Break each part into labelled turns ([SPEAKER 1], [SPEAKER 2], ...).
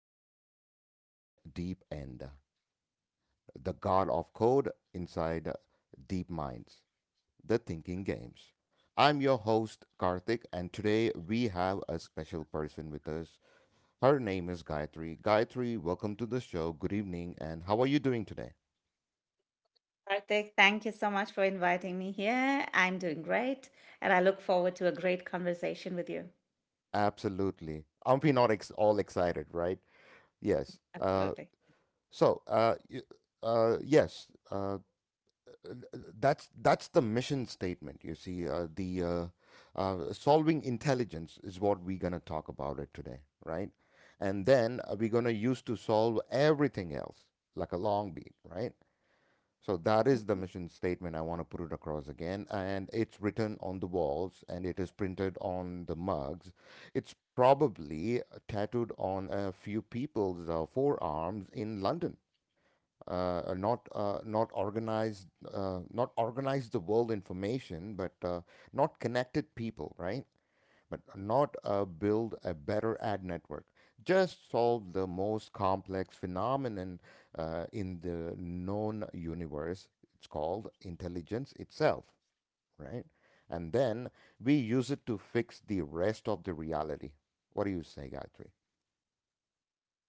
[SPEAKER 1] podcast of The Deep End, the God of Code inside Deep Minds, the Thinking Games. I'm your host, Karthik, and today we have a special person with us. Her name is Gayatri. Gayatri, welcome to the show. Good evening, and how are you doing today?
[SPEAKER 2] Karthik, thank you so much for inviting me here. I'm doing great, and I look forward to a great conversation with you.
[SPEAKER 1] Absolutely. Aren't we not all excited, right? Yes.
[SPEAKER 2] Absolutely.
[SPEAKER 1] So, uh, y- yes. Uh, that's the mission statement, you see, the solving intelligence is what we're going to talk about it today, right? And then we're going to use to solve everything else, like a long beat, right? So that is the
[SPEAKER 2] Mhm.
[SPEAKER 1] mission statement. I want to put it across again, and it's written on the walls and it is printed on the mugs. It's probably tattooed on a few people's forearms in London. Not not organized, not organized the world information, but not connected people, right? But not build a better ad network. Just solve the most complex phenomenon in the known universe. It's called intelligence itself, right? And then we use it to fix the rest of the reality. What do you say, Gayatri?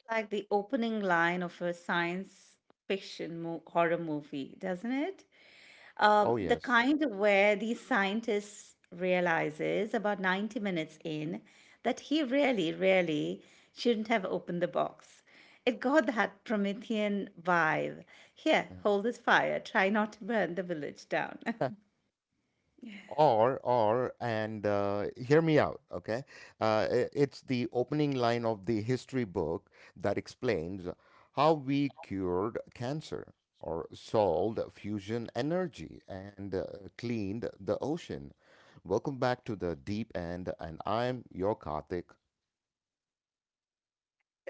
[SPEAKER 2] Like the opening line of a science fiction horror movie, doesn't it?
[SPEAKER 1] Oh
[SPEAKER 2] The
[SPEAKER 1] yes.
[SPEAKER 2] kind where the scientist realizes about 90 minutes in that he really, really shouldn't have opened the box. It got that Promethean vibe. Here,
[SPEAKER 1] Mhm.
[SPEAKER 2] hold this fire. Try not to burn the village down.
[SPEAKER 1] Or and Hear me out, okay? It's the opening line of the history book that explains how we cured cancer or solved fusion energy and cleaned the ocean. Welcome back to The Deep End, and I'm your Karthik.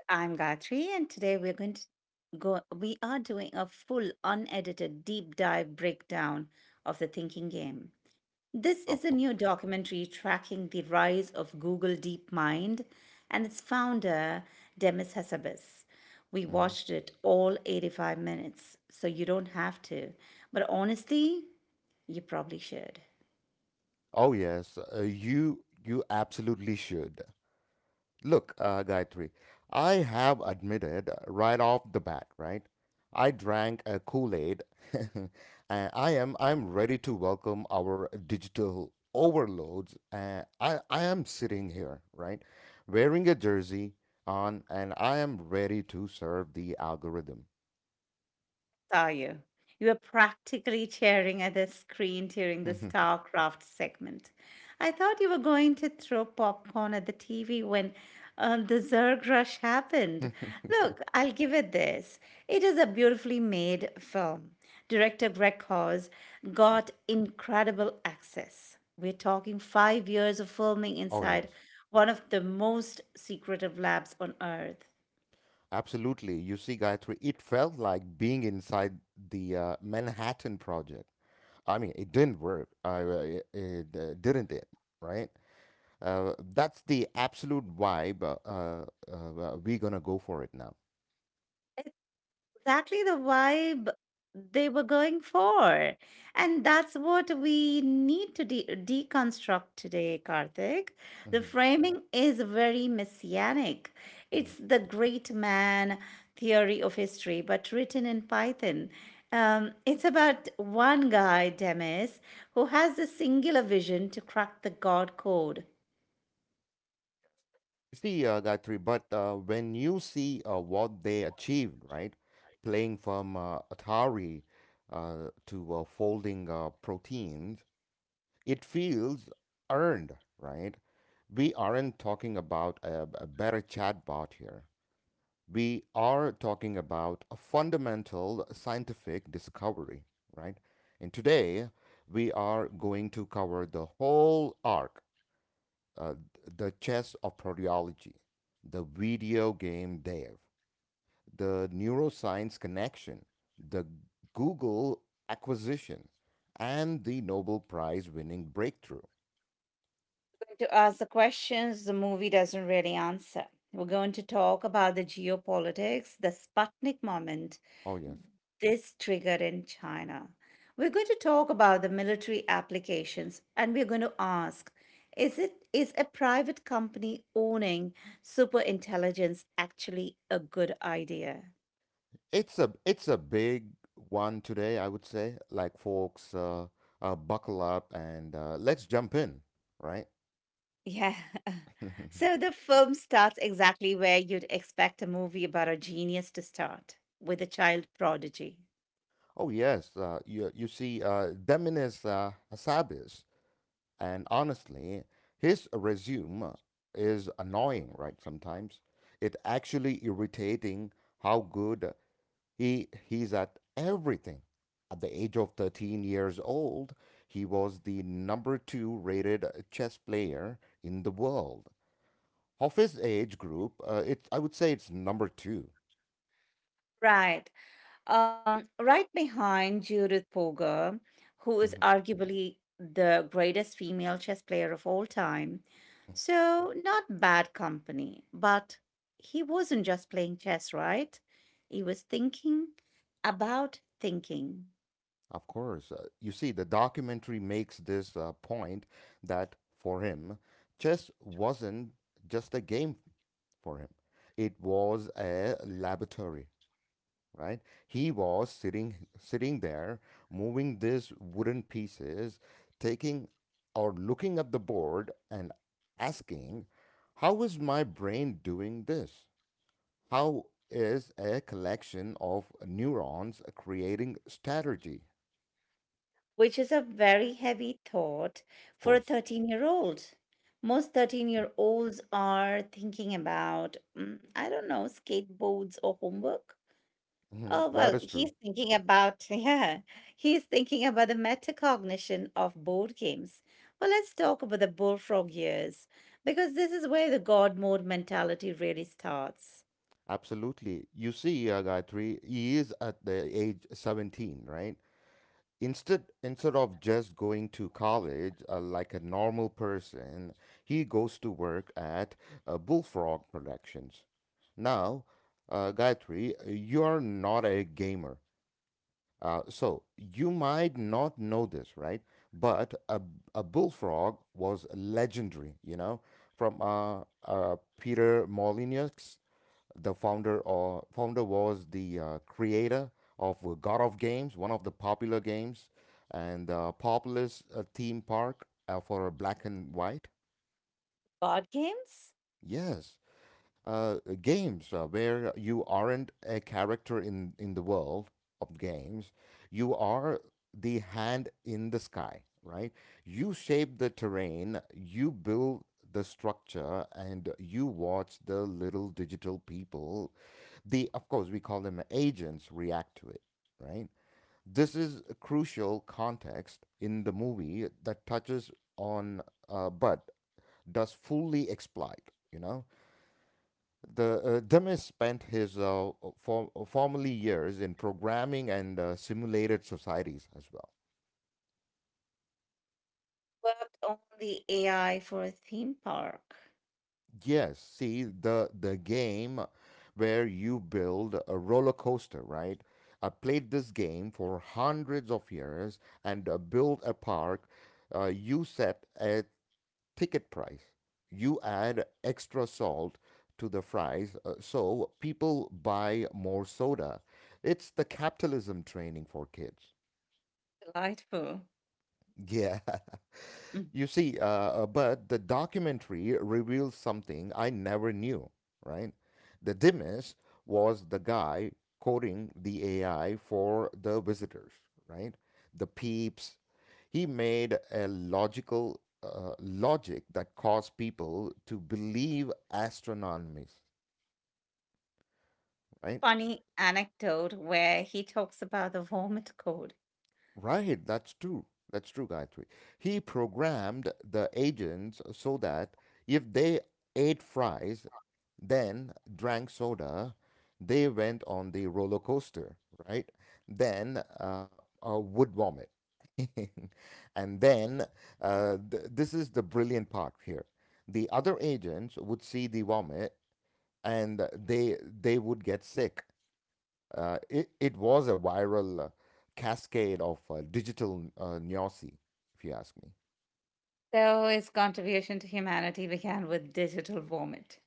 [SPEAKER 2] I'm Gayatri, and today we're going to go. we are doing a full, unedited, deep dive breakdown of the thinking game. This
[SPEAKER 1] Of
[SPEAKER 2] is a
[SPEAKER 1] course.
[SPEAKER 2] new documentary tracking the rise of Google DeepMind and its founder, Demis Hassabis. We
[SPEAKER 1] Mhm.
[SPEAKER 2] watched it all 85 minutes, so you don't have to. But honestly, you probably should.
[SPEAKER 1] Oh yes, you absolutely should. Look, Gayatri, I have admitted right off the bat, right? I drank a Kool-Aid. And I'm ready to welcome our digital overloads. I am sitting here, right, wearing a jersey on, and I am ready to serve the algorithm.
[SPEAKER 2] Saw you. You were practically staring at the screen during the StarCraft segment. I thought you were going to throw popcorn at the TV when the Zerg Rush happened. Look, I'll give it this. It is a beautifully made film. Director Greg Hawes got incredible access. We're talking 5 years of filming
[SPEAKER 1] Oh,
[SPEAKER 2] inside
[SPEAKER 1] yes.
[SPEAKER 2] one of the most secretive labs on Earth.
[SPEAKER 1] Absolutely. You see, Gayatri, it felt like being inside the Manhattan Project. I mean, it didn't work. I it Didn't it, right? That's the absolute vibe. We're gonna go for it now.
[SPEAKER 2] Exactly the vibe they were going for. And that's what we need to deconstruct today, Karthik. The
[SPEAKER 1] Hmm.
[SPEAKER 2] framing is very messianic.
[SPEAKER 1] Hmm.
[SPEAKER 2] It's the great man theory of history, but written in Python. It's about one guy, Demis, who has a singular vision to crack the God code.
[SPEAKER 1] You see, Gayatri, but when you see what they achieved, right? Playing from Atari to folding proteins, it feels earned, right? We aren't talking about a better chatbot here. We are talking about a fundamental scientific discovery, right? And today we are going to cover the whole arc, uh, the chess of proteology, the video game dev, the neuroscience connection, the Google acquisition, and the Nobel Prize winning breakthrough.
[SPEAKER 2] To ask the questions the movie doesn't really answer. We're going to talk about the geopolitics, the Sputnik moment
[SPEAKER 1] Oh, yes.
[SPEAKER 2] this triggered in China. We're going to talk about the military applications, and we're going to ask, is a private company owning super intelligence actually a good idea?
[SPEAKER 1] It's a big one today, I would say. Like, folks, buckle up and let's jump in, right?
[SPEAKER 2] Yeah. So the film starts exactly where you'd expect a movie about a genius to start, with a child prodigy.
[SPEAKER 1] Oh yes, you see, Deminis Hassabis, and honestly, his resume is annoying, right? Sometimes it's actually irritating how good he's at everything. At the age of 13 years old, he was the number 2 rated chess player in the world. Of his age group, it I would say it's number 2.
[SPEAKER 2] Right. Right behind Judith Polgar, who is
[SPEAKER 1] Mhm.
[SPEAKER 2] arguably the greatest female chess player of all time. So, not bad company, but he wasn't just playing chess, right? He was thinking about thinking,
[SPEAKER 1] Of course. You see, the documentary makes this point that for him, chess wasn't just a game. For him, it was a laboratory, right? He was sitting there, moving these wooden pieces, taking or looking at the board and asking, "How is my brain doing this? How is a collection of neurons creating strategy?"
[SPEAKER 2] which is a very heavy thought
[SPEAKER 1] Of
[SPEAKER 2] for a
[SPEAKER 1] course.
[SPEAKER 2] 13-year-old. Most 13-year-olds are thinking about, I don't know, skateboards or homework.
[SPEAKER 1] Mhm,
[SPEAKER 2] Oh,
[SPEAKER 1] that
[SPEAKER 2] well,
[SPEAKER 1] is true.
[SPEAKER 2] he's thinking about, yeah, he's thinking about the metacognition of board games. Well, let's talk about the bullfrog years, because this is where the God mode mentality really starts.
[SPEAKER 1] Absolutely. You see, Gayatri, he is at the age 17, right? Instead of just going to college, like a normal person, he goes to work at Bullfrog Productions. Now, Gayatri, you're not a gamer, so you might not know this, right? But a Bullfrog was legendary, you know, from Peter Molyneux, the founder or founder was the creator of God of Games, one of the popular games, and populous theme park for black and white.
[SPEAKER 2] Board games.
[SPEAKER 1] Yes, uh, games where you aren't a character in the world of games, you are the hand in the sky, right? You shape the terrain, you build the structure, and you watch the little digital people — they, of course, we call them agents — react to it, right? This is a crucial context in the movie that touches on, but does fully exploit, you know, the Demis spent his formerly years in programming and simulated societies as well.
[SPEAKER 2] Worked on the AI for a theme park.
[SPEAKER 1] Yes, see the game where you build a roller coaster, right? I played this game for hundreds of years and build a park. You set a ticket price. You add extra salt to the fries, so people buy more soda. It's the capitalism training for kids.
[SPEAKER 2] Delightful.
[SPEAKER 1] Yeah.
[SPEAKER 2] Mm.
[SPEAKER 1] You see, but the documentary reveals something I never knew, right? The Dimas was the guy coding the AI for the visitors, right? The peeps. He made a logical logic that caused people to believe astronomies, right?
[SPEAKER 2] Funny anecdote where he talks about the vomit code.
[SPEAKER 1] Right, that's true. That's true, Gayatri. He programmed the agents so that if they ate fries, then drank soda, they went on the roller coaster, right? Then would vomit. And then, this is the brilliant part here. The other agents would see the vomit and they would get sick. It was a viral cascade of digital neosy, if you ask me.
[SPEAKER 2] So his contribution to humanity began with digital vomit.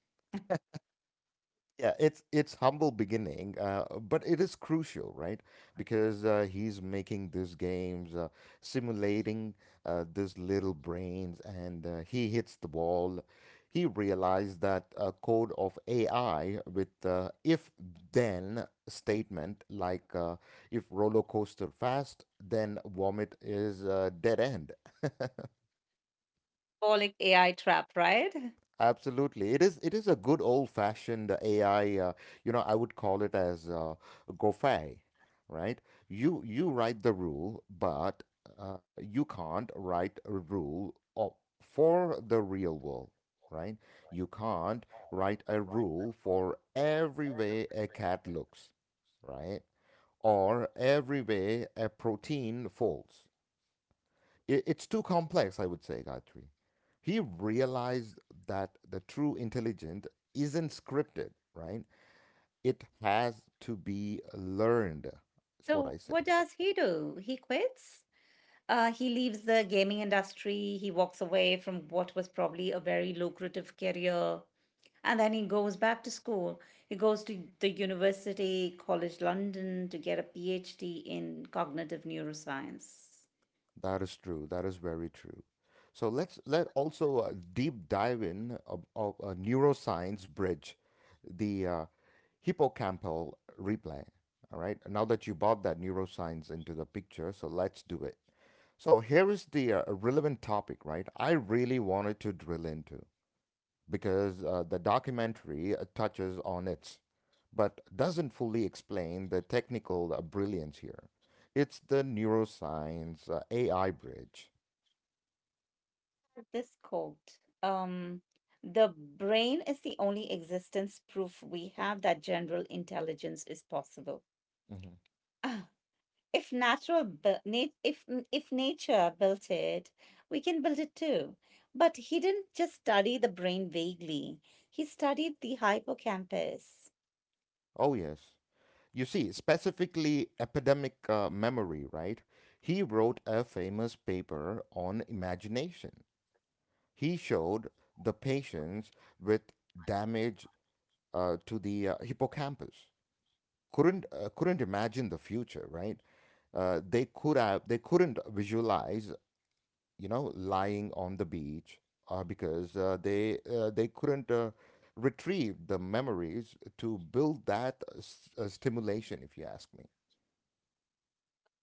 [SPEAKER 1] Yeah, it's humble beginning, but it is crucial, right? Because he's making these games, simulating these little brains, and he hits the ball. He realized that a code of AI with if then statement, like, if roller coaster fast, then vomit, is dead end.
[SPEAKER 2] Bolic AI trap, right?
[SPEAKER 1] Absolutely. It is a good old-fashioned AI, you know, I would call it as Gophe, right? You write the rule, but you can't write a rule for the real world, right? You can't write a rule for every way a cat looks, right? Or every way a protein folds. It's too complex, I would say, Gayatri. He realized that the true intelligence isn't scripted, right? It has to be learned. That's what
[SPEAKER 2] So
[SPEAKER 1] I say.
[SPEAKER 2] what does he do? He quits? He leaves the gaming industry. He walks away from what was probably a very lucrative career. And then he goes back to school. He goes to the University College London to get a PhD in cognitive neuroscience.
[SPEAKER 1] That is true. That is very true. So let's let also deep dive in of neuroscience bridge, the hippocampal replay. All right. Now that you brought that neuroscience into the picture, so let's do it. So here is the relevant topic, right? I really wanted to drill into because the documentary touches on it, but doesn't fully explain the technical brilliance here. It's the neuroscience AI bridge.
[SPEAKER 2] This quote, "The brain is the only existence proof we have that general intelligence is possible."
[SPEAKER 1] Hmm.
[SPEAKER 2] if natural bu- nat- if nature built it, we can build it too. But he didn't just study the brain vaguely. He studied the hippocampus.
[SPEAKER 1] Oh, yes. You see, specifically epidemic memory, right? He wrote a famous paper on imagination. He showed the patients with damage to the hippocampus. Couldn't imagine the future, right? They couldn't visualize, you know, lying on the beach, because they couldn't retrieve the memories to build that stimulation, if you ask me.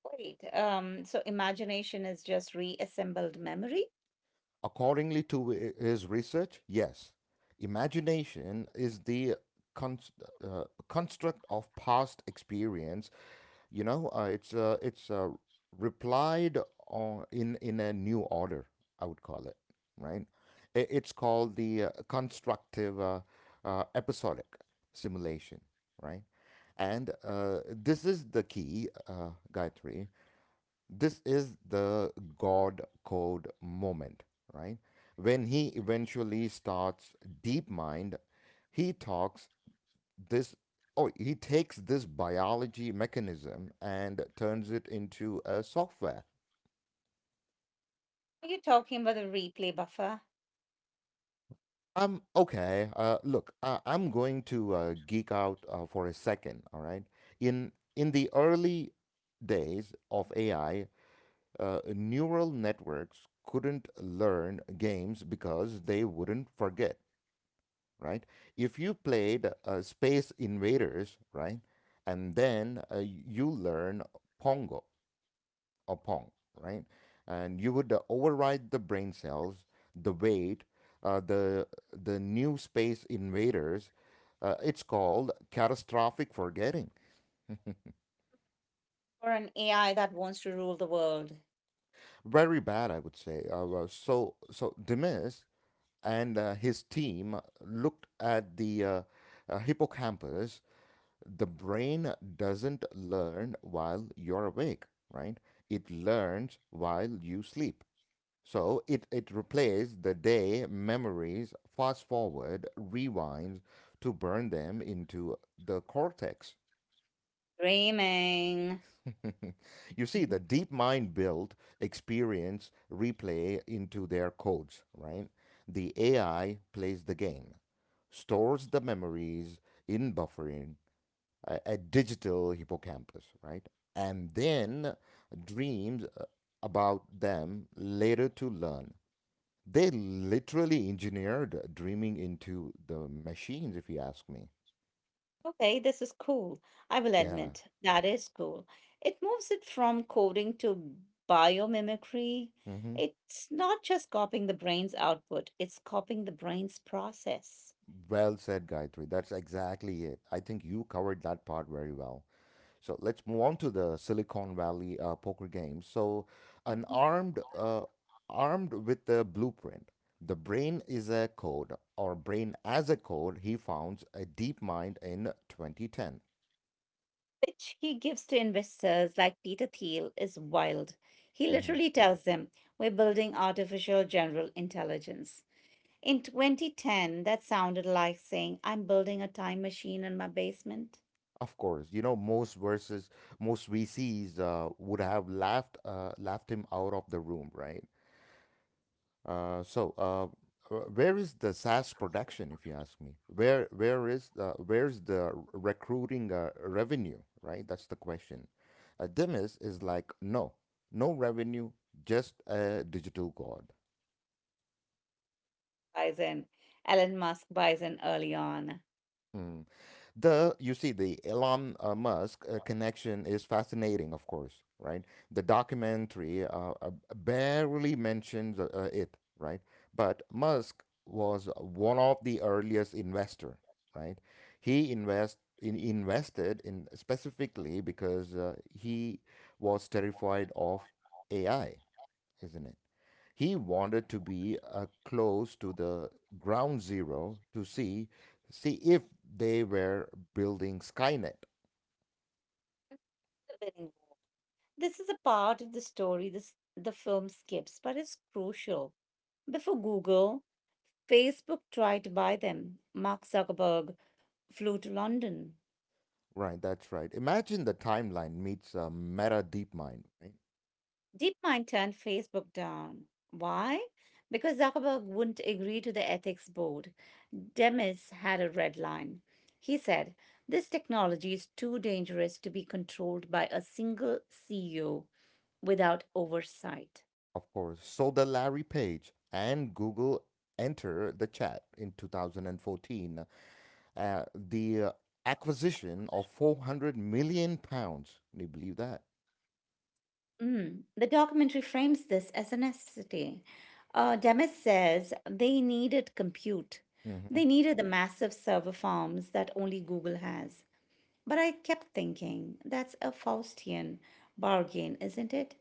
[SPEAKER 2] Wait, so imagination is just reassembled memory?
[SPEAKER 1] Accordingly to his research, yes, imagination is the cons- construct of past experience. You know, it's replied on, in a new order, I would call it, right. I- It's called the constructive episodic simulation, right? And this is the key, Gayatri. This is the God code moment, right? When he eventually starts DeepMind, he talks this oh he takes this biology mechanism and turns it into a software.
[SPEAKER 2] Are you talking about a replay buffer?
[SPEAKER 1] Okay Look, I'm going to geek out for a second, all right? In the early days of AI, neural networks couldn't learn games because they wouldn't forget, right? If you played Space Invaders, right, and then you learn pongo upon, right? And you would override the brain cells, the weight, uh, the the new Space Invaders. It's called catastrophic forgetting.
[SPEAKER 2] Or an AI that wants to rule the world?
[SPEAKER 1] Very bad, I would say. So so Demis and his team looked at the hippocampus. The brain doesn't learn while you're awake, right? It learns while you sleep. So it replaced the day memories, fast forward, rewinds, to burn them into the cortex.
[SPEAKER 2] Dreaming.
[SPEAKER 1] You see, the deep mind built experience replay into their codes, right? The AI plays the game, stores the memories in buffering, a digital hippocampus, right? And then dreams about them later to learn. They literally engineered dreaming into the machines, if you ask me.
[SPEAKER 2] Okay, this is cool. I will
[SPEAKER 1] Yeah.
[SPEAKER 2] admit, that is cool. It moves it from coding to biomimicry.
[SPEAKER 1] Hmm.
[SPEAKER 2] It's not just copying the brain's output, it's copying the brain's process.
[SPEAKER 1] Well said, Gayatri. That's exactly it. I think you covered that part very well. So let's move on to the Silicon Valley poker games. So, an
[SPEAKER 2] Mhm.
[SPEAKER 1] armed, uh, armed with the blueprint, the brain is a code, or brain as a code, he founds a deep mind in 2010.
[SPEAKER 2] Which he gives to investors like Peter Thiel is wild. He literally tells them, "We're building artificial general intelligence." In 2010, that sounded like saying, "I'm building a time machine in my basement."
[SPEAKER 1] Of course, you know most VCs would have laughed laughed him out of the room, right? Uh, so uh, where is the SaaS production, if you ask me? Where's the recruiting revenue, right? That's the question. Demis is like, no, no revenue, just a digital god.
[SPEAKER 2] Buys in. Elon Musk buys in early on.
[SPEAKER 1] Mm. The you see the Elon Musk connection is fascinating, of course, right? The documentary barely mentions it, right? But Musk was one of the earliest investor, right? He invested in specifically because he was terrified of AI, isn't it? He wanted to be close to the ground zero to see if they were building Skynet.
[SPEAKER 2] The winning wall. This is a part of the story the film skips, but it's crucial. Before Google, Facebook tried to buy them. Mark Zuckerberg flew to London.
[SPEAKER 1] Right, that's right. Imagine the timeline meets Meta DeepMind, right?
[SPEAKER 2] DeepMind turned Facebook down. Why? Because Zuckerberg wouldn't agree to the ethics board. Demis had a red line. He said, "This technology is too dangerous to be controlled by a single CEO without oversight."
[SPEAKER 1] Of course. So the Larry Page and Google enter the chat in 2014. The Acquisition of 400 million pounds. Can you believe that?
[SPEAKER 2] Mm. The documentary frames this as a necessity. Demis says they needed compute. They
[SPEAKER 1] hmm
[SPEAKER 2] needed the massive server farms that only Google has. But I kept thinking, that's a Faustian bargain, isn't it?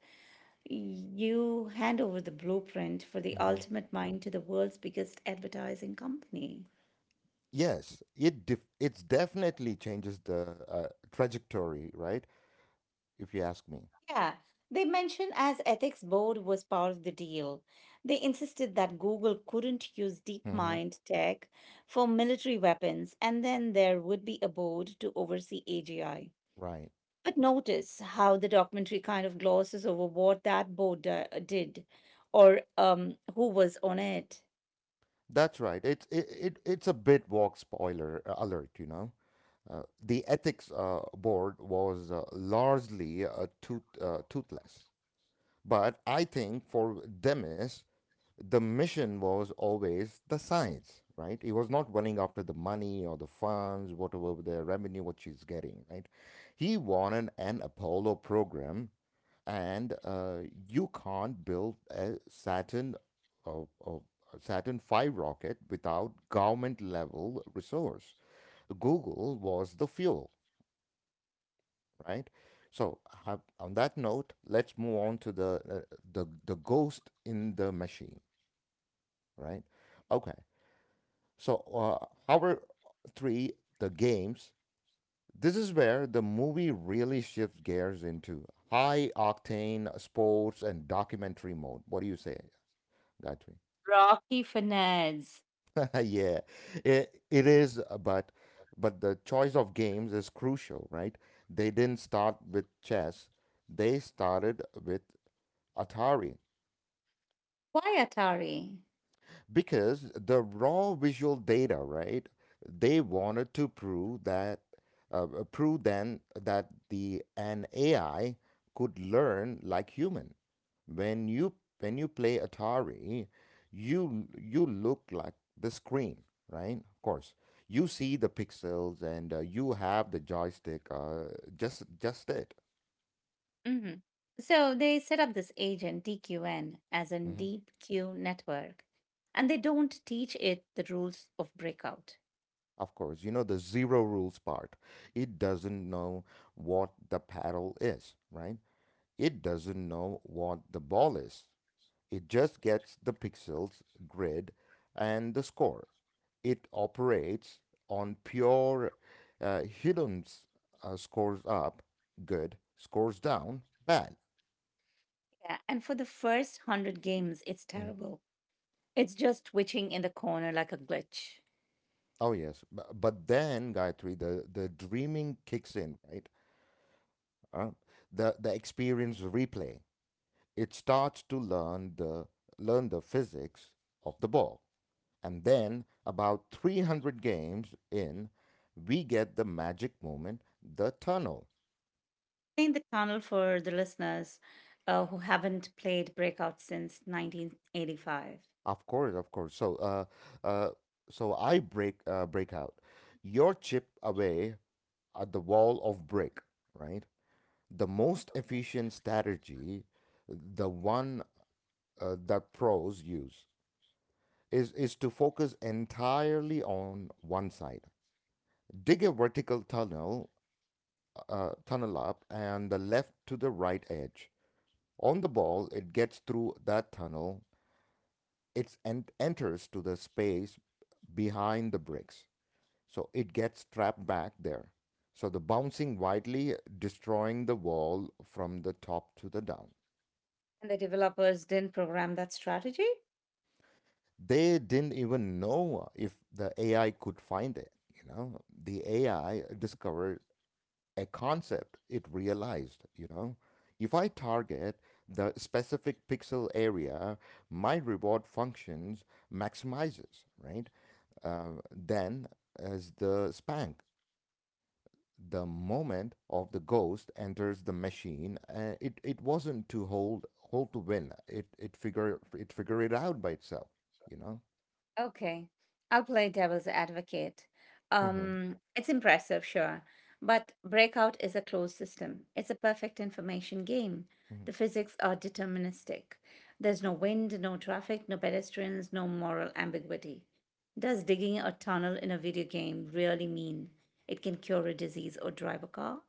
[SPEAKER 2] You hand over the blueprint for the
[SPEAKER 1] hmm
[SPEAKER 2] ultimate mind to the world's biggest advertising company.
[SPEAKER 1] Yes, it's definitely changes the trajectory, right? If you ask me.
[SPEAKER 2] Yeah, they mentioned as ethics board was part of the deal. They insisted that Google couldn't use
[SPEAKER 1] Mm-hmm.
[SPEAKER 2] DeepMind tech for military weapons, and then there would be a board to oversee AGI.
[SPEAKER 1] Right.
[SPEAKER 2] But notice how the documentary kind of glosses over what that board did, or who was on it.
[SPEAKER 1] That's right. It's it, it It's a bit walk spoiler alert, you know. The ethics board was largely toothless. But I think for Demis, the mission was always the science, right? He was not running after the money or the funds, whatever the revenue, what she's getting, right? He wanted an Apollo program, and you can't build a Saturn or Saturn V rocket without government level resource. Google was the fuel, right? So on that note, let's move on to the the ghost in the machine, right? Okay. So our three The games. This is where the movie really shifts gears into high octane sports and documentary mode. What do you say, Gayatri?
[SPEAKER 2] Rocky Fernandez.
[SPEAKER 1] Yeah, it is, but the choice of games is crucial, right? They didn't start with chess; they started with Atari,
[SPEAKER 2] Why Atari?
[SPEAKER 1] because the raw visual data, right? They wanted to prove then that the an AI could learn like human. When you when you play Atari, you look like the screen, right? Of course, you see the pixels and you have the joystick. Just it.
[SPEAKER 2] Hmm. So they set up this agent, DQN, as in
[SPEAKER 1] hmm
[SPEAKER 2] Deep Q Network, and they don't teach it the rules of breakout.
[SPEAKER 1] Of course, you know the zero rules part. It doesn't know what the paddle is, right? It doesn't know what the ball is. It just gets the pixels, grid, and the score. It operates on pure Hidden's scores up, good, scores down, bad.
[SPEAKER 2] Yeah, and for the first 100 games, it's
[SPEAKER 1] Mhm.
[SPEAKER 2] terrible. It's just twitching in the corner like a glitch.
[SPEAKER 1] Oh, yes. But then, Gayatri, the dreaming kicks in, right? Uh, the experience replay. It starts to learn the physics of the ball. And then, about 300 games in, we get the magic moment, the tunnel.
[SPEAKER 2] In the tunnel for the listeners who haven't played Breakout since 1985.
[SPEAKER 1] Of course, of course. So, uh, so I break break out. Your chip away at the wall of brick, right? The most efficient strategy, the one that pros use, is to focus entirely on one side. Dig a vertical tunnel, tunnel up, and the left to the right edge. On the ball, it gets through that tunnel. Enters to the space behind the bricks. So it gets trapped back there. So the bouncing widely, destroying the wall from the top to the down.
[SPEAKER 2] And the developers didn't program that strategy.
[SPEAKER 1] They didn't even know if the AI could find it. You know, the AI discovered a concept it realized, you know. If I target the specific pixel area, my reward functions maximizes, right? Then as the spank, the moment of the ghost enters the machine, it wasn't to hold to win. It figured it out by itself, you know.
[SPEAKER 2] Okay, I'll play devil's advocate.
[SPEAKER 1] Mm-hmm.
[SPEAKER 2] It's impressive, sure, but Breakout is a closed system. It's a perfect information game.
[SPEAKER 1] Mm-hmm.
[SPEAKER 2] The physics are deterministic. There's no wind, no traffic, no pedestrians, no moral ambiguity. Does digging a tunnel in a video game really mean it can cure a disease or drive a car?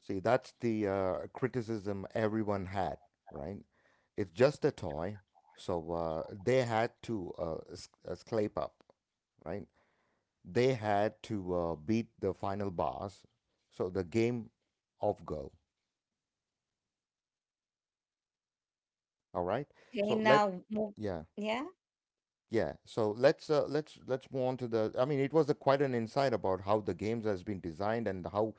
[SPEAKER 1] See, that's the criticism everyone had, right? It's just a toy, so they had to scrape up, right? They had to beat the final boss, so the game of go. All right,
[SPEAKER 2] Okay,
[SPEAKER 1] so let
[SPEAKER 2] now move.
[SPEAKER 1] yeah.
[SPEAKER 2] Yeah,
[SPEAKER 1] Yeah, so let's move on to the. I mean, it was a, quite an insight about how the games has been designed and how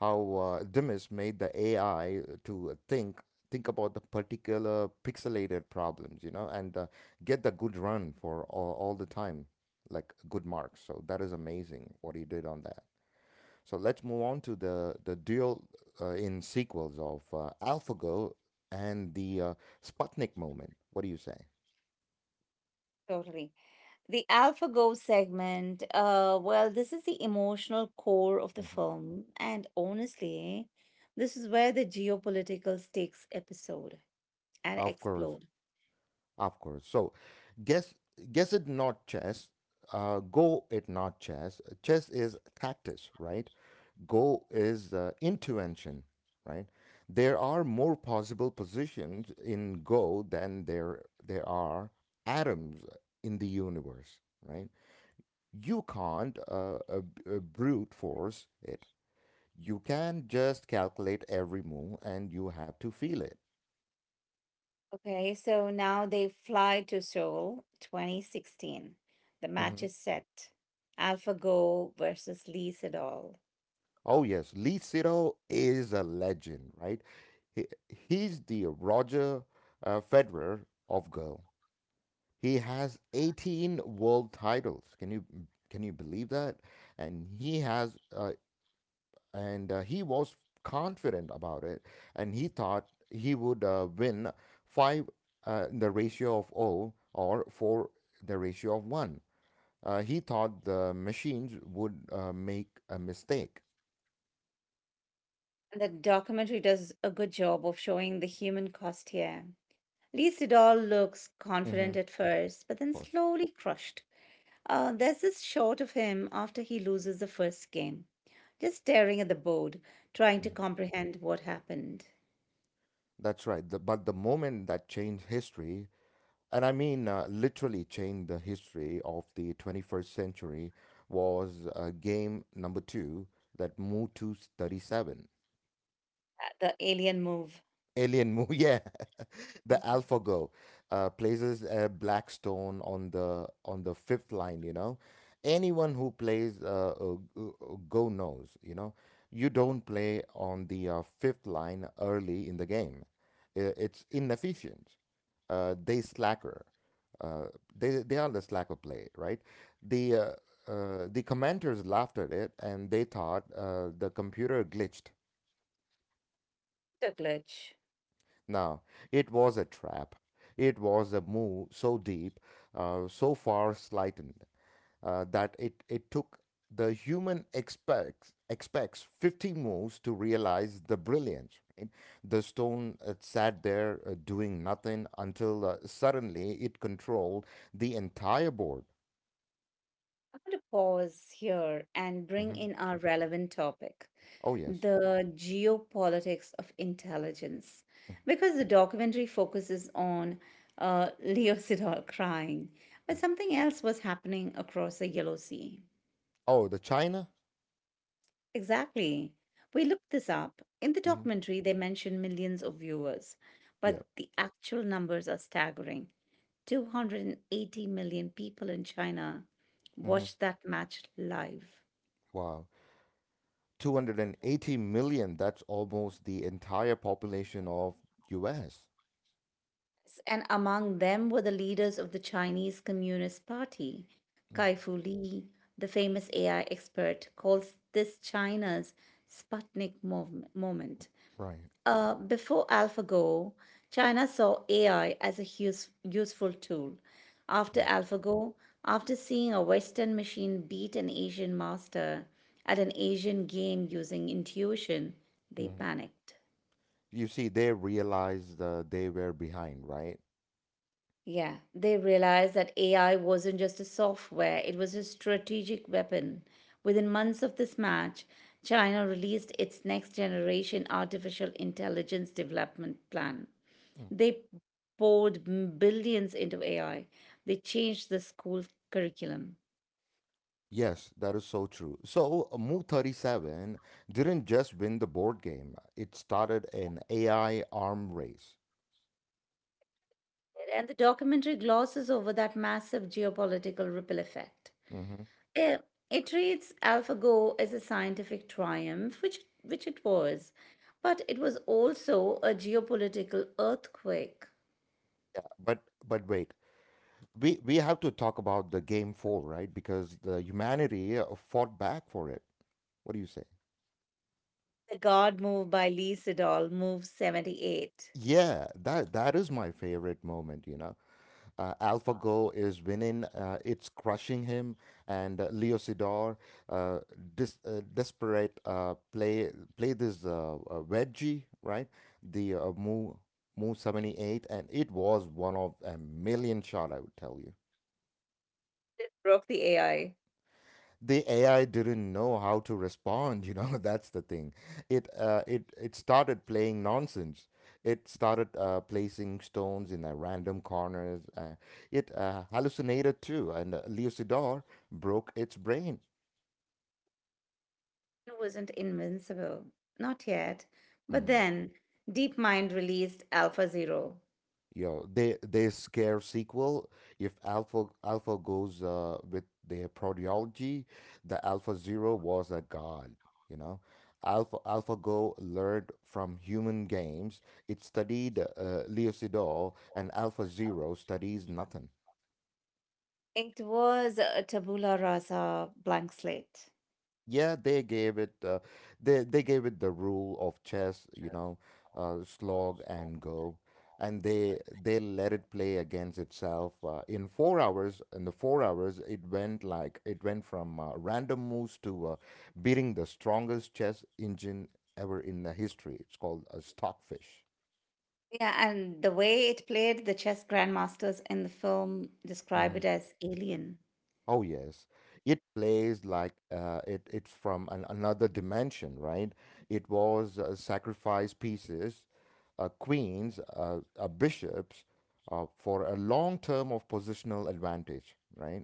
[SPEAKER 1] how uh, Dimas made the AI to think about the particular pixelated problems, you know, and get the good run for all the time, like good marks. So that is amazing what he did on that. So let's move on to the duel in sequels of AlphaGo and the Sputnik moment. What do you say?
[SPEAKER 2] totally. The AlphaGo segment, well, this is the emotional core of the
[SPEAKER 1] hmm
[SPEAKER 2] film. And honestly, this is where the geopolitical stakes episode and
[SPEAKER 1] Of course.
[SPEAKER 2] explode.
[SPEAKER 1] Of course. So, guess guess it not chess. Go it not chess. Chess is tactics, right? Go is intuition, right? There are more possible positions in Go than there are atoms in the universe, right? You can't brute force it. You can just calculate every move, and you have to feel it.
[SPEAKER 2] Okay, so now they fly to Seoul 2016. The match
[SPEAKER 1] Mm-hmm.
[SPEAKER 2] is set, AlphaGo versus Lee Sedol.
[SPEAKER 1] Oh yes, Lee Sero is a legend, right? He, he's the Roger Federer of girl. He has 18 world titles. Can you believe that? And he has and he was confident about it, and he thought he would win five the ratio of O or four the ratio of one. He thought the machines would make a mistake.
[SPEAKER 2] And the documentary does a good job of showing the human cost here. Lee Sedol looks confident at
[SPEAKER 1] Of
[SPEAKER 2] first, but then
[SPEAKER 1] course.
[SPEAKER 2] slowly crushed. There's this shot of him after he loses the first game, just staring at the board, trying to
[SPEAKER 1] Mm-hmm.
[SPEAKER 2] comprehend what happened.
[SPEAKER 1] That's right. But the moment that changed history, and I mean literally changed the history of the 21st century, was game number two that moved to 37.
[SPEAKER 2] The alien move.
[SPEAKER 1] Alien Moo, yeah. The
[SPEAKER 2] Mhm.
[SPEAKER 1] AlphaGo places a black stone on the fifth line, you know. Anyone who plays Go knows, you know. You don't play on the fifth line early in the game. It's inefficient. They slacker. Uh, they are the slacker play, right? The uh, the commenters laughed at it and they thought the computer glitched.
[SPEAKER 2] Dr. Glitch.
[SPEAKER 1] Now, it was a trap. It was a move so deep, so far slightened, it took the human expects 50 moves to realize the brilliance. Right? The stone sat there doing nothing until suddenly it controlled the entire board.
[SPEAKER 2] I want to pause here and bring
[SPEAKER 1] hmm
[SPEAKER 2] in our relevant topic,
[SPEAKER 1] Oh, yes.
[SPEAKER 2] the geopolitics of intelligence.
[SPEAKER 1] Mhm,
[SPEAKER 2] Because the documentary focuses on Leo Sedol crying, but
[SPEAKER 1] mhm.
[SPEAKER 2] something else was happening across the Yellow Sea.
[SPEAKER 1] Oh, the China?
[SPEAKER 2] Exactly. We looked this up. In the
[SPEAKER 1] hmm
[SPEAKER 2] documentary, they mention millions of viewers,
[SPEAKER 1] Yeah.
[SPEAKER 2] but the actual numbers are staggering. 280 million people in China
[SPEAKER 1] hmm
[SPEAKER 2] watched that match live.
[SPEAKER 1] Wow. 280 million, that's almost the entire population of US.
[SPEAKER 2] Yes, and among them were the leaders of the Chinese Communist Party.
[SPEAKER 1] Mhm.
[SPEAKER 2] Kai Fu Lee, the famous AI expert, calls this China's Sputnik moment.
[SPEAKER 1] Right.
[SPEAKER 2] Before AlphaGo, China saw AI as a useful tool. After AlphaGo, after seeing a Western machine beat an Asian master at an Asian game using intuition, they
[SPEAKER 1] Mm.
[SPEAKER 2] panicked.
[SPEAKER 1] You see, they realized they were behind, right?
[SPEAKER 2] Yeah, they realized that AI wasn't just a software, it was a strategic weapon. Within months of this match, China released its next generation artificial intelligence development plan.
[SPEAKER 1] Mm.
[SPEAKER 2] They poured billions into AI, they changed the school curriculum.
[SPEAKER 1] Yes, that is so true. So, Mu 37 didn't just win the board game, it started an AI arm race.
[SPEAKER 2] And the documentary glosses over that massive geopolitical ripple effect.
[SPEAKER 1] Mm-hmm.
[SPEAKER 2] Eh, It treats AlphaGo as a scientific triumph, which it was, but it was also a geopolitical earthquake.
[SPEAKER 1] Yeah, but wait, we have to talk about the game four, right? Because the humanity fought back for it. What do you say?
[SPEAKER 2] The God Move by Lee Sedol, Move 78,
[SPEAKER 1] Yeah, that that is my favorite moment, you know. AlphaGo is winning, it's crushing him, and Leo uh, dis desperate play this wedgie, right? The move 78, and it was one of a million shot, I would tell you.
[SPEAKER 2] it broke the AI.
[SPEAKER 1] The AI didn't know how to respond, you know, that's the thing. It started playing nonsense. It started placing stones in random corners. It Hallucinated too, and Lucidor broke its brain.
[SPEAKER 2] It wasn't invincible, not yet. But
[SPEAKER 1] Mhm.
[SPEAKER 2] then, DeepMind released AlphaZero.
[SPEAKER 1] Yo, they scare sequel. If Alpha Alpha goes with their proteology, the Alpha Zero was a god. You know, AlphaGo learned from human games. It studied Leocidor, and Alpha Zero studies nothing.
[SPEAKER 2] It was a tabula rasa blank slate.
[SPEAKER 1] Yeah, they gave it the rule of chess, you know, slog and go, and they let it play against itself in 4 hours. In the 4 hours, it went from random moves to beating the strongest chess engine ever in the history. It's called a stockfish.
[SPEAKER 2] Yeah, and the way it played, the chess grandmasters in the film describe
[SPEAKER 1] Mm-hmm.
[SPEAKER 2] it as alien.
[SPEAKER 1] Oh yes, it plays like it it's from an, another dimension, right? It was sacrifice pieces, queens, bishops, for a long term of positional advantage, right?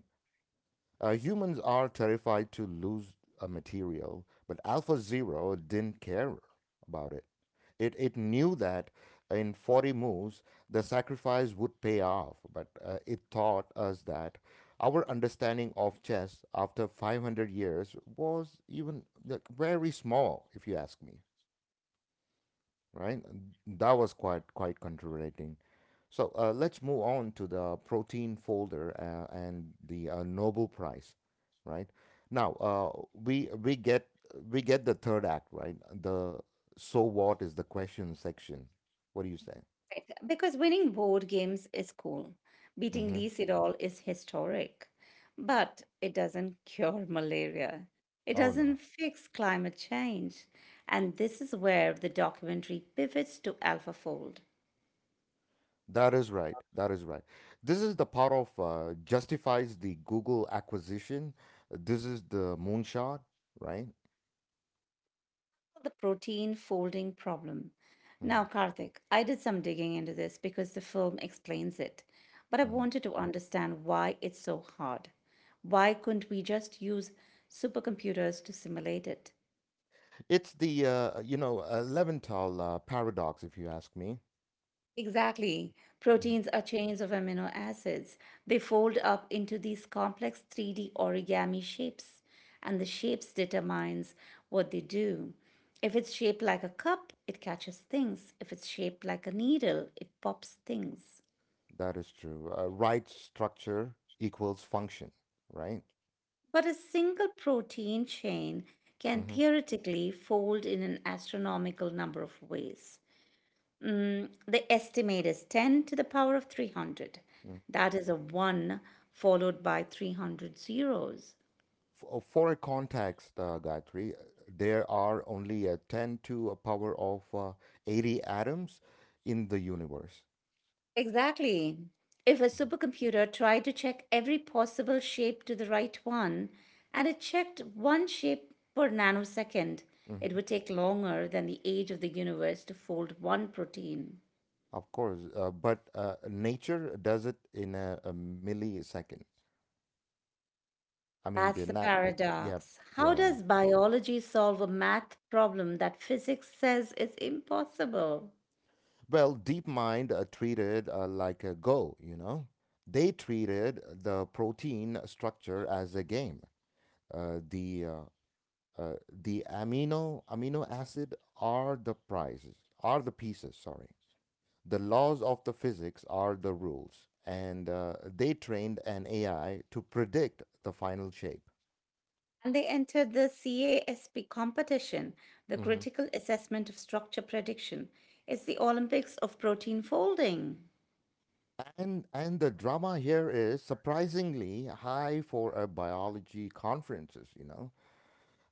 [SPEAKER 1] Humans are terrified to lose a material, but Alpha Zero didn't care about it. It knew that in 40 moves, the sacrifice would pay off, but it taught us that our understanding of chess after 500 years was even like, very small, if you ask me, right? And that was quite controverting. So let's move on to the protein folder and the Nobel Prize, right? Now we get the third act, right? The so what is the question section? What do you say?
[SPEAKER 2] Right. Because winning board games is cool. Beating
[SPEAKER 1] hmm
[SPEAKER 2] Lee Sedol is historic. But it doesn't cure malaria. It
[SPEAKER 1] Oh
[SPEAKER 2] doesn't
[SPEAKER 1] no,
[SPEAKER 2] fix climate change. And this is where the documentary pivots to AlphaFold,
[SPEAKER 1] that is right. That is right. This is the part of justifies the Google acquisition. This is the moonshot, right?
[SPEAKER 2] the protein folding problem. Now,
[SPEAKER 1] hmm
[SPEAKER 2] Karthik, I did some digging into this because the film explains it. But I wanted to understand why it's so hard. Why couldn't we just use supercomputers to simulate it?
[SPEAKER 1] It's the you know Leventhal paradox, if you ask me.
[SPEAKER 2] Exactly.
[SPEAKER 1] hmm
[SPEAKER 2] Proteins are chains of amino acids. They fold up into these complex 3D origami shapes, and the shapes determines what they do. If it's shaped like a cup, it catches things. If it's shaped like a needle, it pops things.
[SPEAKER 1] That is true. Right structure equals function, right?
[SPEAKER 2] But a single protein chain can
[SPEAKER 1] hmm
[SPEAKER 2] theoretically fold in an astronomical number of ways. The estimate is 10 to the power of 300. That is a 1 followed by 300 zeros.
[SPEAKER 1] For a context, Gayatri, there are only a 10 to a power of 80 atoms in the universe.
[SPEAKER 2] Exactly. If a supercomputer tried to check every possible shape to the right one, and it checked one shape per nanosecond, it would
[SPEAKER 1] Hmm.
[SPEAKER 2] take longer than the age of the universe to fold one protein.
[SPEAKER 1] Of course, but nature does it in a millisecond. I mean,
[SPEAKER 2] That's the
[SPEAKER 1] yeah,
[SPEAKER 2] paradox. How
[SPEAKER 1] yeah.
[SPEAKER 2] does biology solve a math problem that physics says is impossible?
[SPEAKER 1] Well, DeepMind treated like a Go. They treated the protein structure as a game. Uh, the uh, the amino acid are the prizes, are the pieces. Sorry, the laws of the physics are the rules, and they trained an AI to predict the final shape.
[SPEAKER 2] And they entered the CASP competition, the
[SPEAKER 1] Mhm.
[SPEAKER 2] Critical Assessment of Structure Prediction. It's the Olympics of protein folding.
[SPEAKER 1] And the drama here is surprisingly high for a biology conferences. You know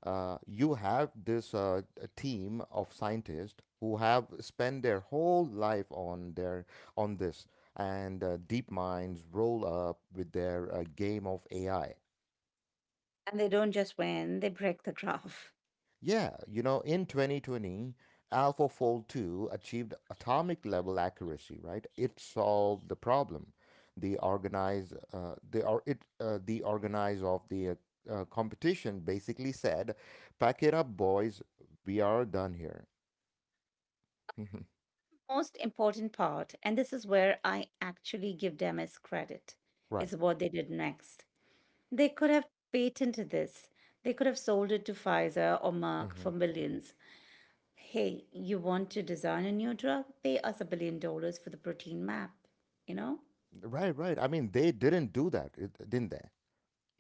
[SPEAKER 1] uh, you have this a team of scientists who have spent their whole life on their on this, and deep minds roll up with their game of AI.
[SPEAKER 2] And they don't just win, they break the graph.
[SPEAKER 1] Yeah, in 2020, AlphaFold 2 achieved atomic level accuracy. Right, it solved the problem. The the organize of the competition basically said, "Pack it up, boys. We are done here."
[SPEAKER 2] Most important part, and this is where I actually give Demis credit,
[SPEAKER 1] Right.
[SPEAKER 2] is what they did next. They could have patented this. They could have sold it to Pfizer or Merck for
[SPEAKER 1] Hmm.
[SPEAKER 2] millions. "Hey, you want to design a new drug? Pay us $1 billion for the protein map, you know?"
[SPEAKER 1] Right, right. I mean, they didn't do that, didn't they?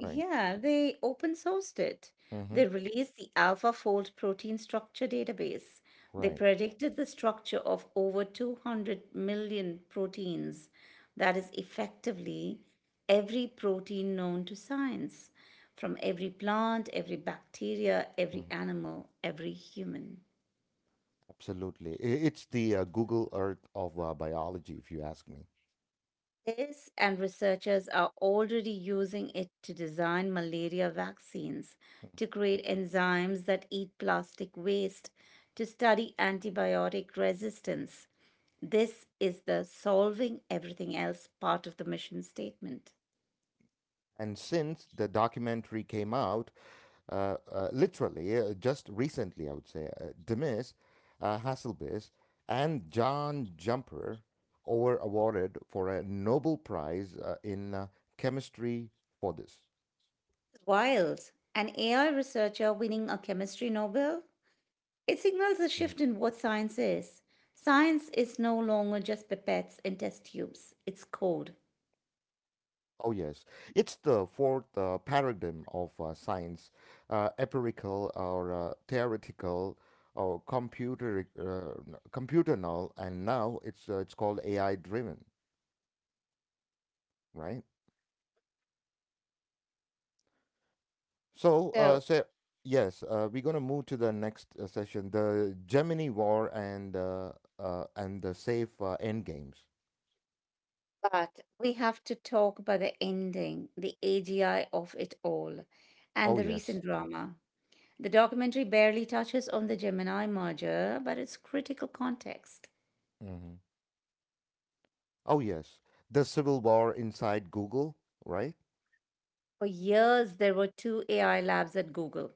[SPEAKER 1] Right.
[SPEAKER 2] they open sourced it. They
[SPEAKER 1] Hmm.
[SPEAKER 2] released the AlphaFold protein structure database. They
[SPEAKER 1] Right.
[SPEAKER 2] predicted the structure of over 200 million proteins. That is effectively every protein known to science, from every plant, every bacteria,
[SPEAKER 1] Hmm.
[SPEAKER 2] every animal, every human.
[SPEAKER 1] Absolutely. It's the Google Earth of biology, if you ask me.
[SPEAKER 2] This and researchers are already using it to design malaria vaccines,
[SPEAKER 1] Mhm.
[SPEAKER 2] to create enzymes that eat plastic waste, to study antibiotic resistance. This is the solving everything else part of the mission statement.
[SPEAKER 1] And since the documentary came out, literally just recently, I would say, Demis Hasselbis and John Jumper were awarded for a Nobel Prize in chemistry for this.
[SPEAKER 2] Wild, an AI researcher winning a chemistry Nobel? It signals a shift in what science is. Science is no longer just pipettes and test tubes, it's code.
[SPEAKER 1] Oh, yes. It's the fourth paradigm of science, empirical or theoretical or computer null, and now it's called AI driven, right? So, uh,
[SPEAKER 2] So,
[SPEAKER 1] so yes, we're gonna move to the next session, the Gemini War and the safe end games.
[SPEAKER 2] But we have to talk about the ending, the AGI of it all, and
[SPEAKER 1] Oh
[SPEAKER 2] the
[SPEAKER 1] yes.
[SPEAKER 2] recent drama. The documentary barely touches on the Gemini merger, but it's critical context.
[SPEAKER 1] Hmm. Oh yes. The civil war inside Google, right?
[SPEAKER 2] For years, there were two AI labs at Google: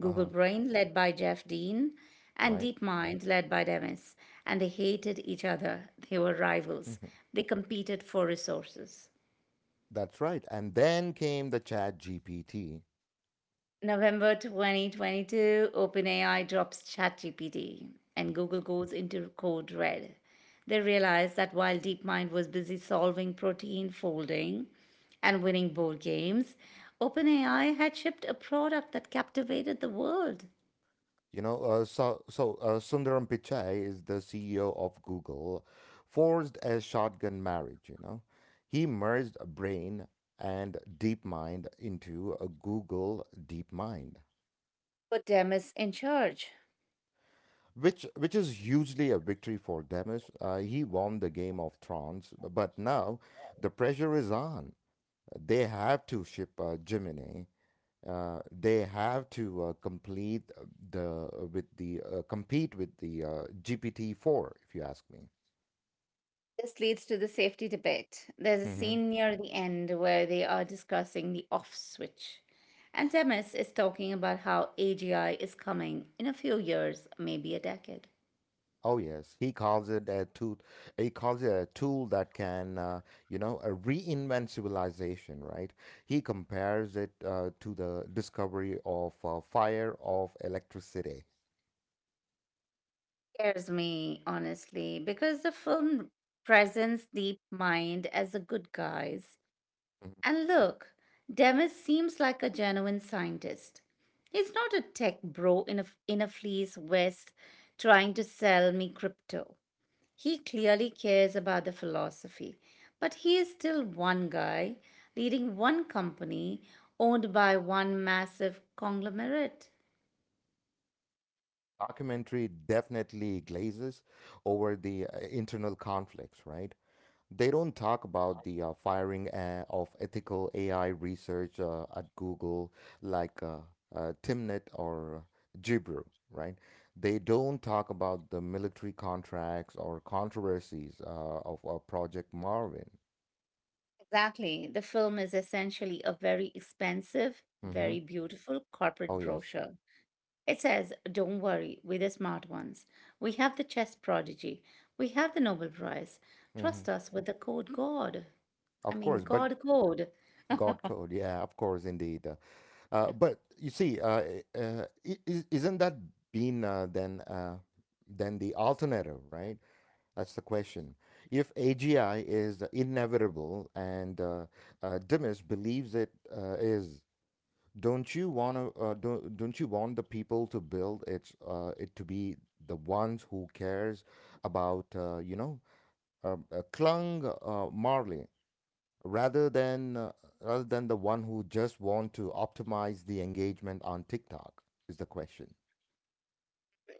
[SPEAKER 2] Google
[SPEAKER 1] Uh-huh.
[SPEAKER 2] Brain, led by Jeff Dean, and
[SPEAKER 1] Right.
[SPEAKER 2] DeepMind, led by Demis. And they hated each other. They were rivals. They competed for resources.
[SPEAKER 1] That's right. And then came the Chat GPT.
[SPEAKER 2] November 2022, OpenAI drops ChatGPT and Google goes into code red. They realized that while DeepMind was busy solving protein folding and winning board games, OpenAI had shipped a product that captivated the world.
[SPEAKER 1] So, Sundaram Pichai is the CEO of Google, forced a shotgun marriage. He merged Brain and DeepMind into a Google DeepMind,
[SPEAKER 2] But Dem is in charge.
[SPEAKER 1] which is hugely a victory for Demis. He won the Game of Thrones, but now the pressure is on. They have to ship Gemini they have to complete the with the compete with the GPT-4, if you ask me.
[SPEAKER 2] This leads to the safety debate. There's a
[SPEAKER 1] Hmm.
[SPEAKER 2] scene near the end where they are discussing the off switch. And Demis is talking about how AGI is coming in a few years, maybe a decade.
[SPEAKER 1] Oh yes, he calls it a tool. He calls it a tool that can, reinvent civilization. Right? He compares it to the discovery of fire of electricity.
[SPEAKER 2] Scares me, honestly, because the film presents Deep Mind as the good guys.
[SPEAKER 1] Mhm.
[SPEAKER 2] And look, Demis seems like a genuine scientist. He's not a tech bro in a fleece vest trying to sell me crypto. He clearly cares about the philosophy, but he is still one guy leading one company owned by one massive conglomerate.
[SPEAKER 1] Documentary definitely glazes over the internal conflicts, right? They don't talk about the firing of ethical AI research at Google, like Timnit or Jibru, right? They don't talk about the military contracts or controversies of Project Marvin.
[SPEAKER 2] Exactly. The film is essentially a very expensive,
[SPEAKER 1] Mm-hmm.
[SPEAKER 2] very beautiful corporate
[SPEAKER 1] Oh, yes.
[SPEAKER 2] brochure. It says, "Don't worry, we're the smart ones. We have the chess prodigy. We have the Nobel Prize.
[SPEAKER 1] Mm-hmm.
[SPEAKER 2] Trust us with the code God." I
[SPEAKER 1] Of
[SPEAKER 2] mean,
[SPEAKER 1] course, but
[SPEAKER 2] God code.
[SPEAKER 1] God code, yeah, of course, indeed. But you see, is, isn't that been then the alternative, right? That's the question. If AGI is inevitable and Dimas believes it is, don't you want to? Don't you want the people to build its it to be the ones who cares about Clung Marley rather than the one who just want to optimize the engagement on TikTok is the question,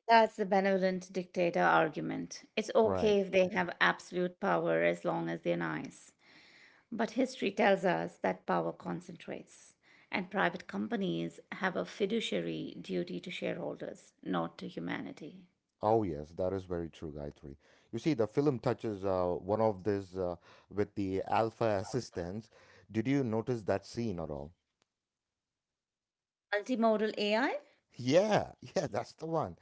[SPEAKER 2] That's the benevolent dictator argument. It's
[SPEAKER 1] right?
[SPEAKER 2] okay if they have absolute power as long as they're nice. But history tells us that power concentrates, and private companies have a fiduciary duty to shareholders, not to humanity.
[SPEAKER 1] Oh yes, that is very true, Gayatri. You see, the film touches one of this with the alpha assistants. Did you notice that scene at all?
[SPEAKER 2] Multimodal AI?
[SPEAKER 1] Yeah, yeah, that's the one.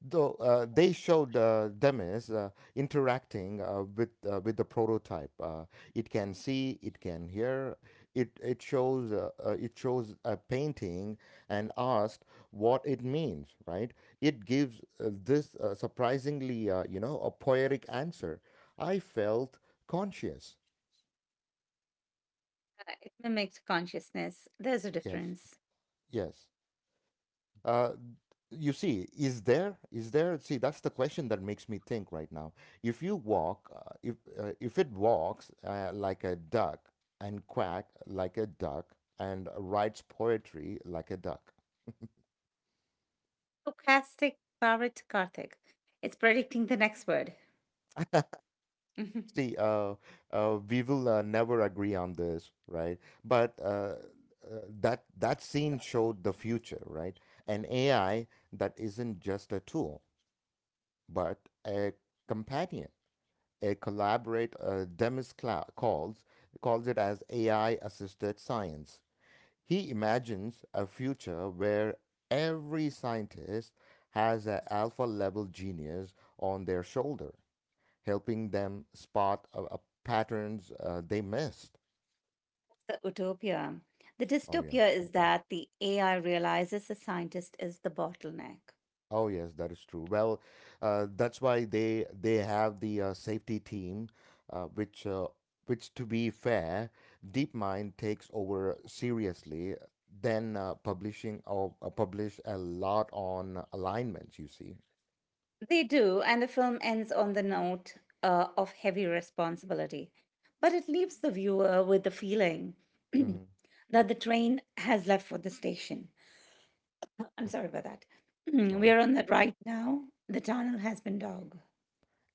[SPEAKER 1] Though they showed Demis interacting with the prototype, it can see, it can hear. It shows a painting and asked what it means. Right? It gives this surprisingly, a poetic answer. I felt conscious.
[SPEAKER 2] It mimics consciousness. There's a
[SPEAKER 1] Yes.
[SPEAKER 2] difference.
[SPEAKER 1] Yes. Uh, you see, see, that's the question that makes me think right now. If you walk, if it walks like a duck and quack like a duck and writes poetry like a duck.
[SPEAKER 2] Stochastic Parit Karthik. It's predicting the next word.
[SPEAKER 1] See, we will never agree on this, right? But that scene showed the future, right? An AI that isn't just a tool, but a companion. A collaborate Demis calls it as AI assisted science. He imagines a future where every scientist has an alpha level genius on their shoulder, helping them spot patterns they missed.
[SPEAKER 2] The utopia. The
[SPEAKER 1] Oh yeah.
[SPEAKER 2] dystopia is that the AI realizes the scientist is the bottleneck.
[SPEAKER 1] Oh yes, that is true. Well, that's why they have the safety team, uh, which uh, which to be fair, DeepMind takes over seriously. Then publishing or publish a lot on alignments. You see,
[SPEAKER 2] They do, and the film ends on the note of heavy responsibility. But it leaves the viewer with the feeling
[SPEAKER 1] mm-hmm.
[SPEAKER 2] that the train has left for the station. I'm sorry about that. We
[SPEAKER 1] Sorry.
[SPEAKER 2] are on the right now. The tunnel has been dug.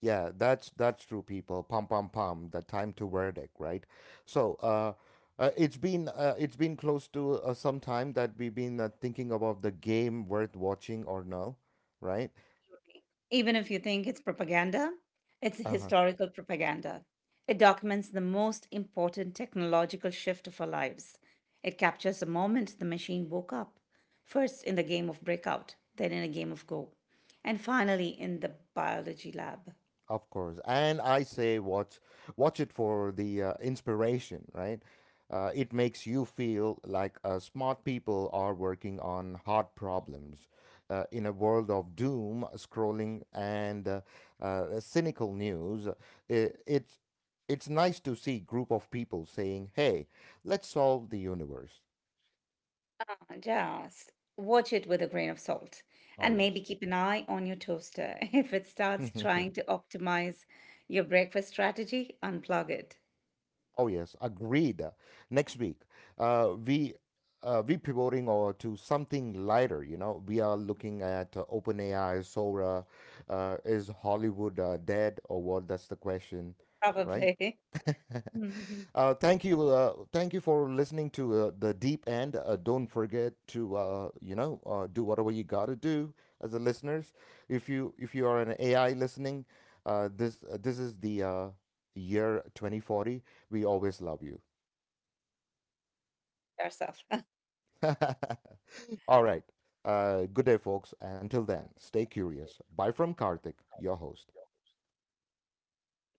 [SPEAKER 1] Yeah, that's true, people. Pum pum pum. The time to verdict, right? So, it's been close to some time that we've been thinking about the game worth watching or no, right?
[SPEAKER 2] Even if you think it's propaganda, it's
[SPEAKER 1] Uh-huh.
[SPEAKER 2] historical propaganda. It documents the most important technological shift of our lives. It captures the moment the machine woke up, first in the game of Breakout, then in a game of Go, and finally in the biology lab.
[SPEAKER 1] Of course. And I say watch it for the inspiration, right? It makes you feel like smart people are working on hard problems. In a world of doom, scrolling, and cynical news, it, it's it's nice to see group of people saying, "Hey, let's solve the universe."
[SPEAKER 2] Ah, just watch it with a grain of salt
[SPEAKER 1] Oh
[SPEAKER 2] and maybe
[SPEAKER 1] yes.
[SPEAKER 2] keep an eye on your toaster. If it starts trying to optimize your breakfast strategy, unplug it.
[SPEAKER 1] Oh yes, agreed. Next week, uh, we we pivoting or to something lighter. You know, we are looking at OpenAI, Sora. Is Hollywood dead or what? That's the question, right?
[SPEAKER 2] Probably. Mhm.
[SPEAKER 1] Thank you, thank you for listening to the deep end. Don't forget to do whatever you gotta do as a listeners. If you are an AI listening, this is the year 2040 always love you.
[SPEAKER 2] Yourself.
[SPEAKER 1] All right. Good day, folks. And until then, stay curious. Bye from Karthik, your host.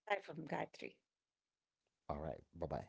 [SPEAKER 2] Hi from Gayatri.
[SPEAKER 1] All right. Bye bye.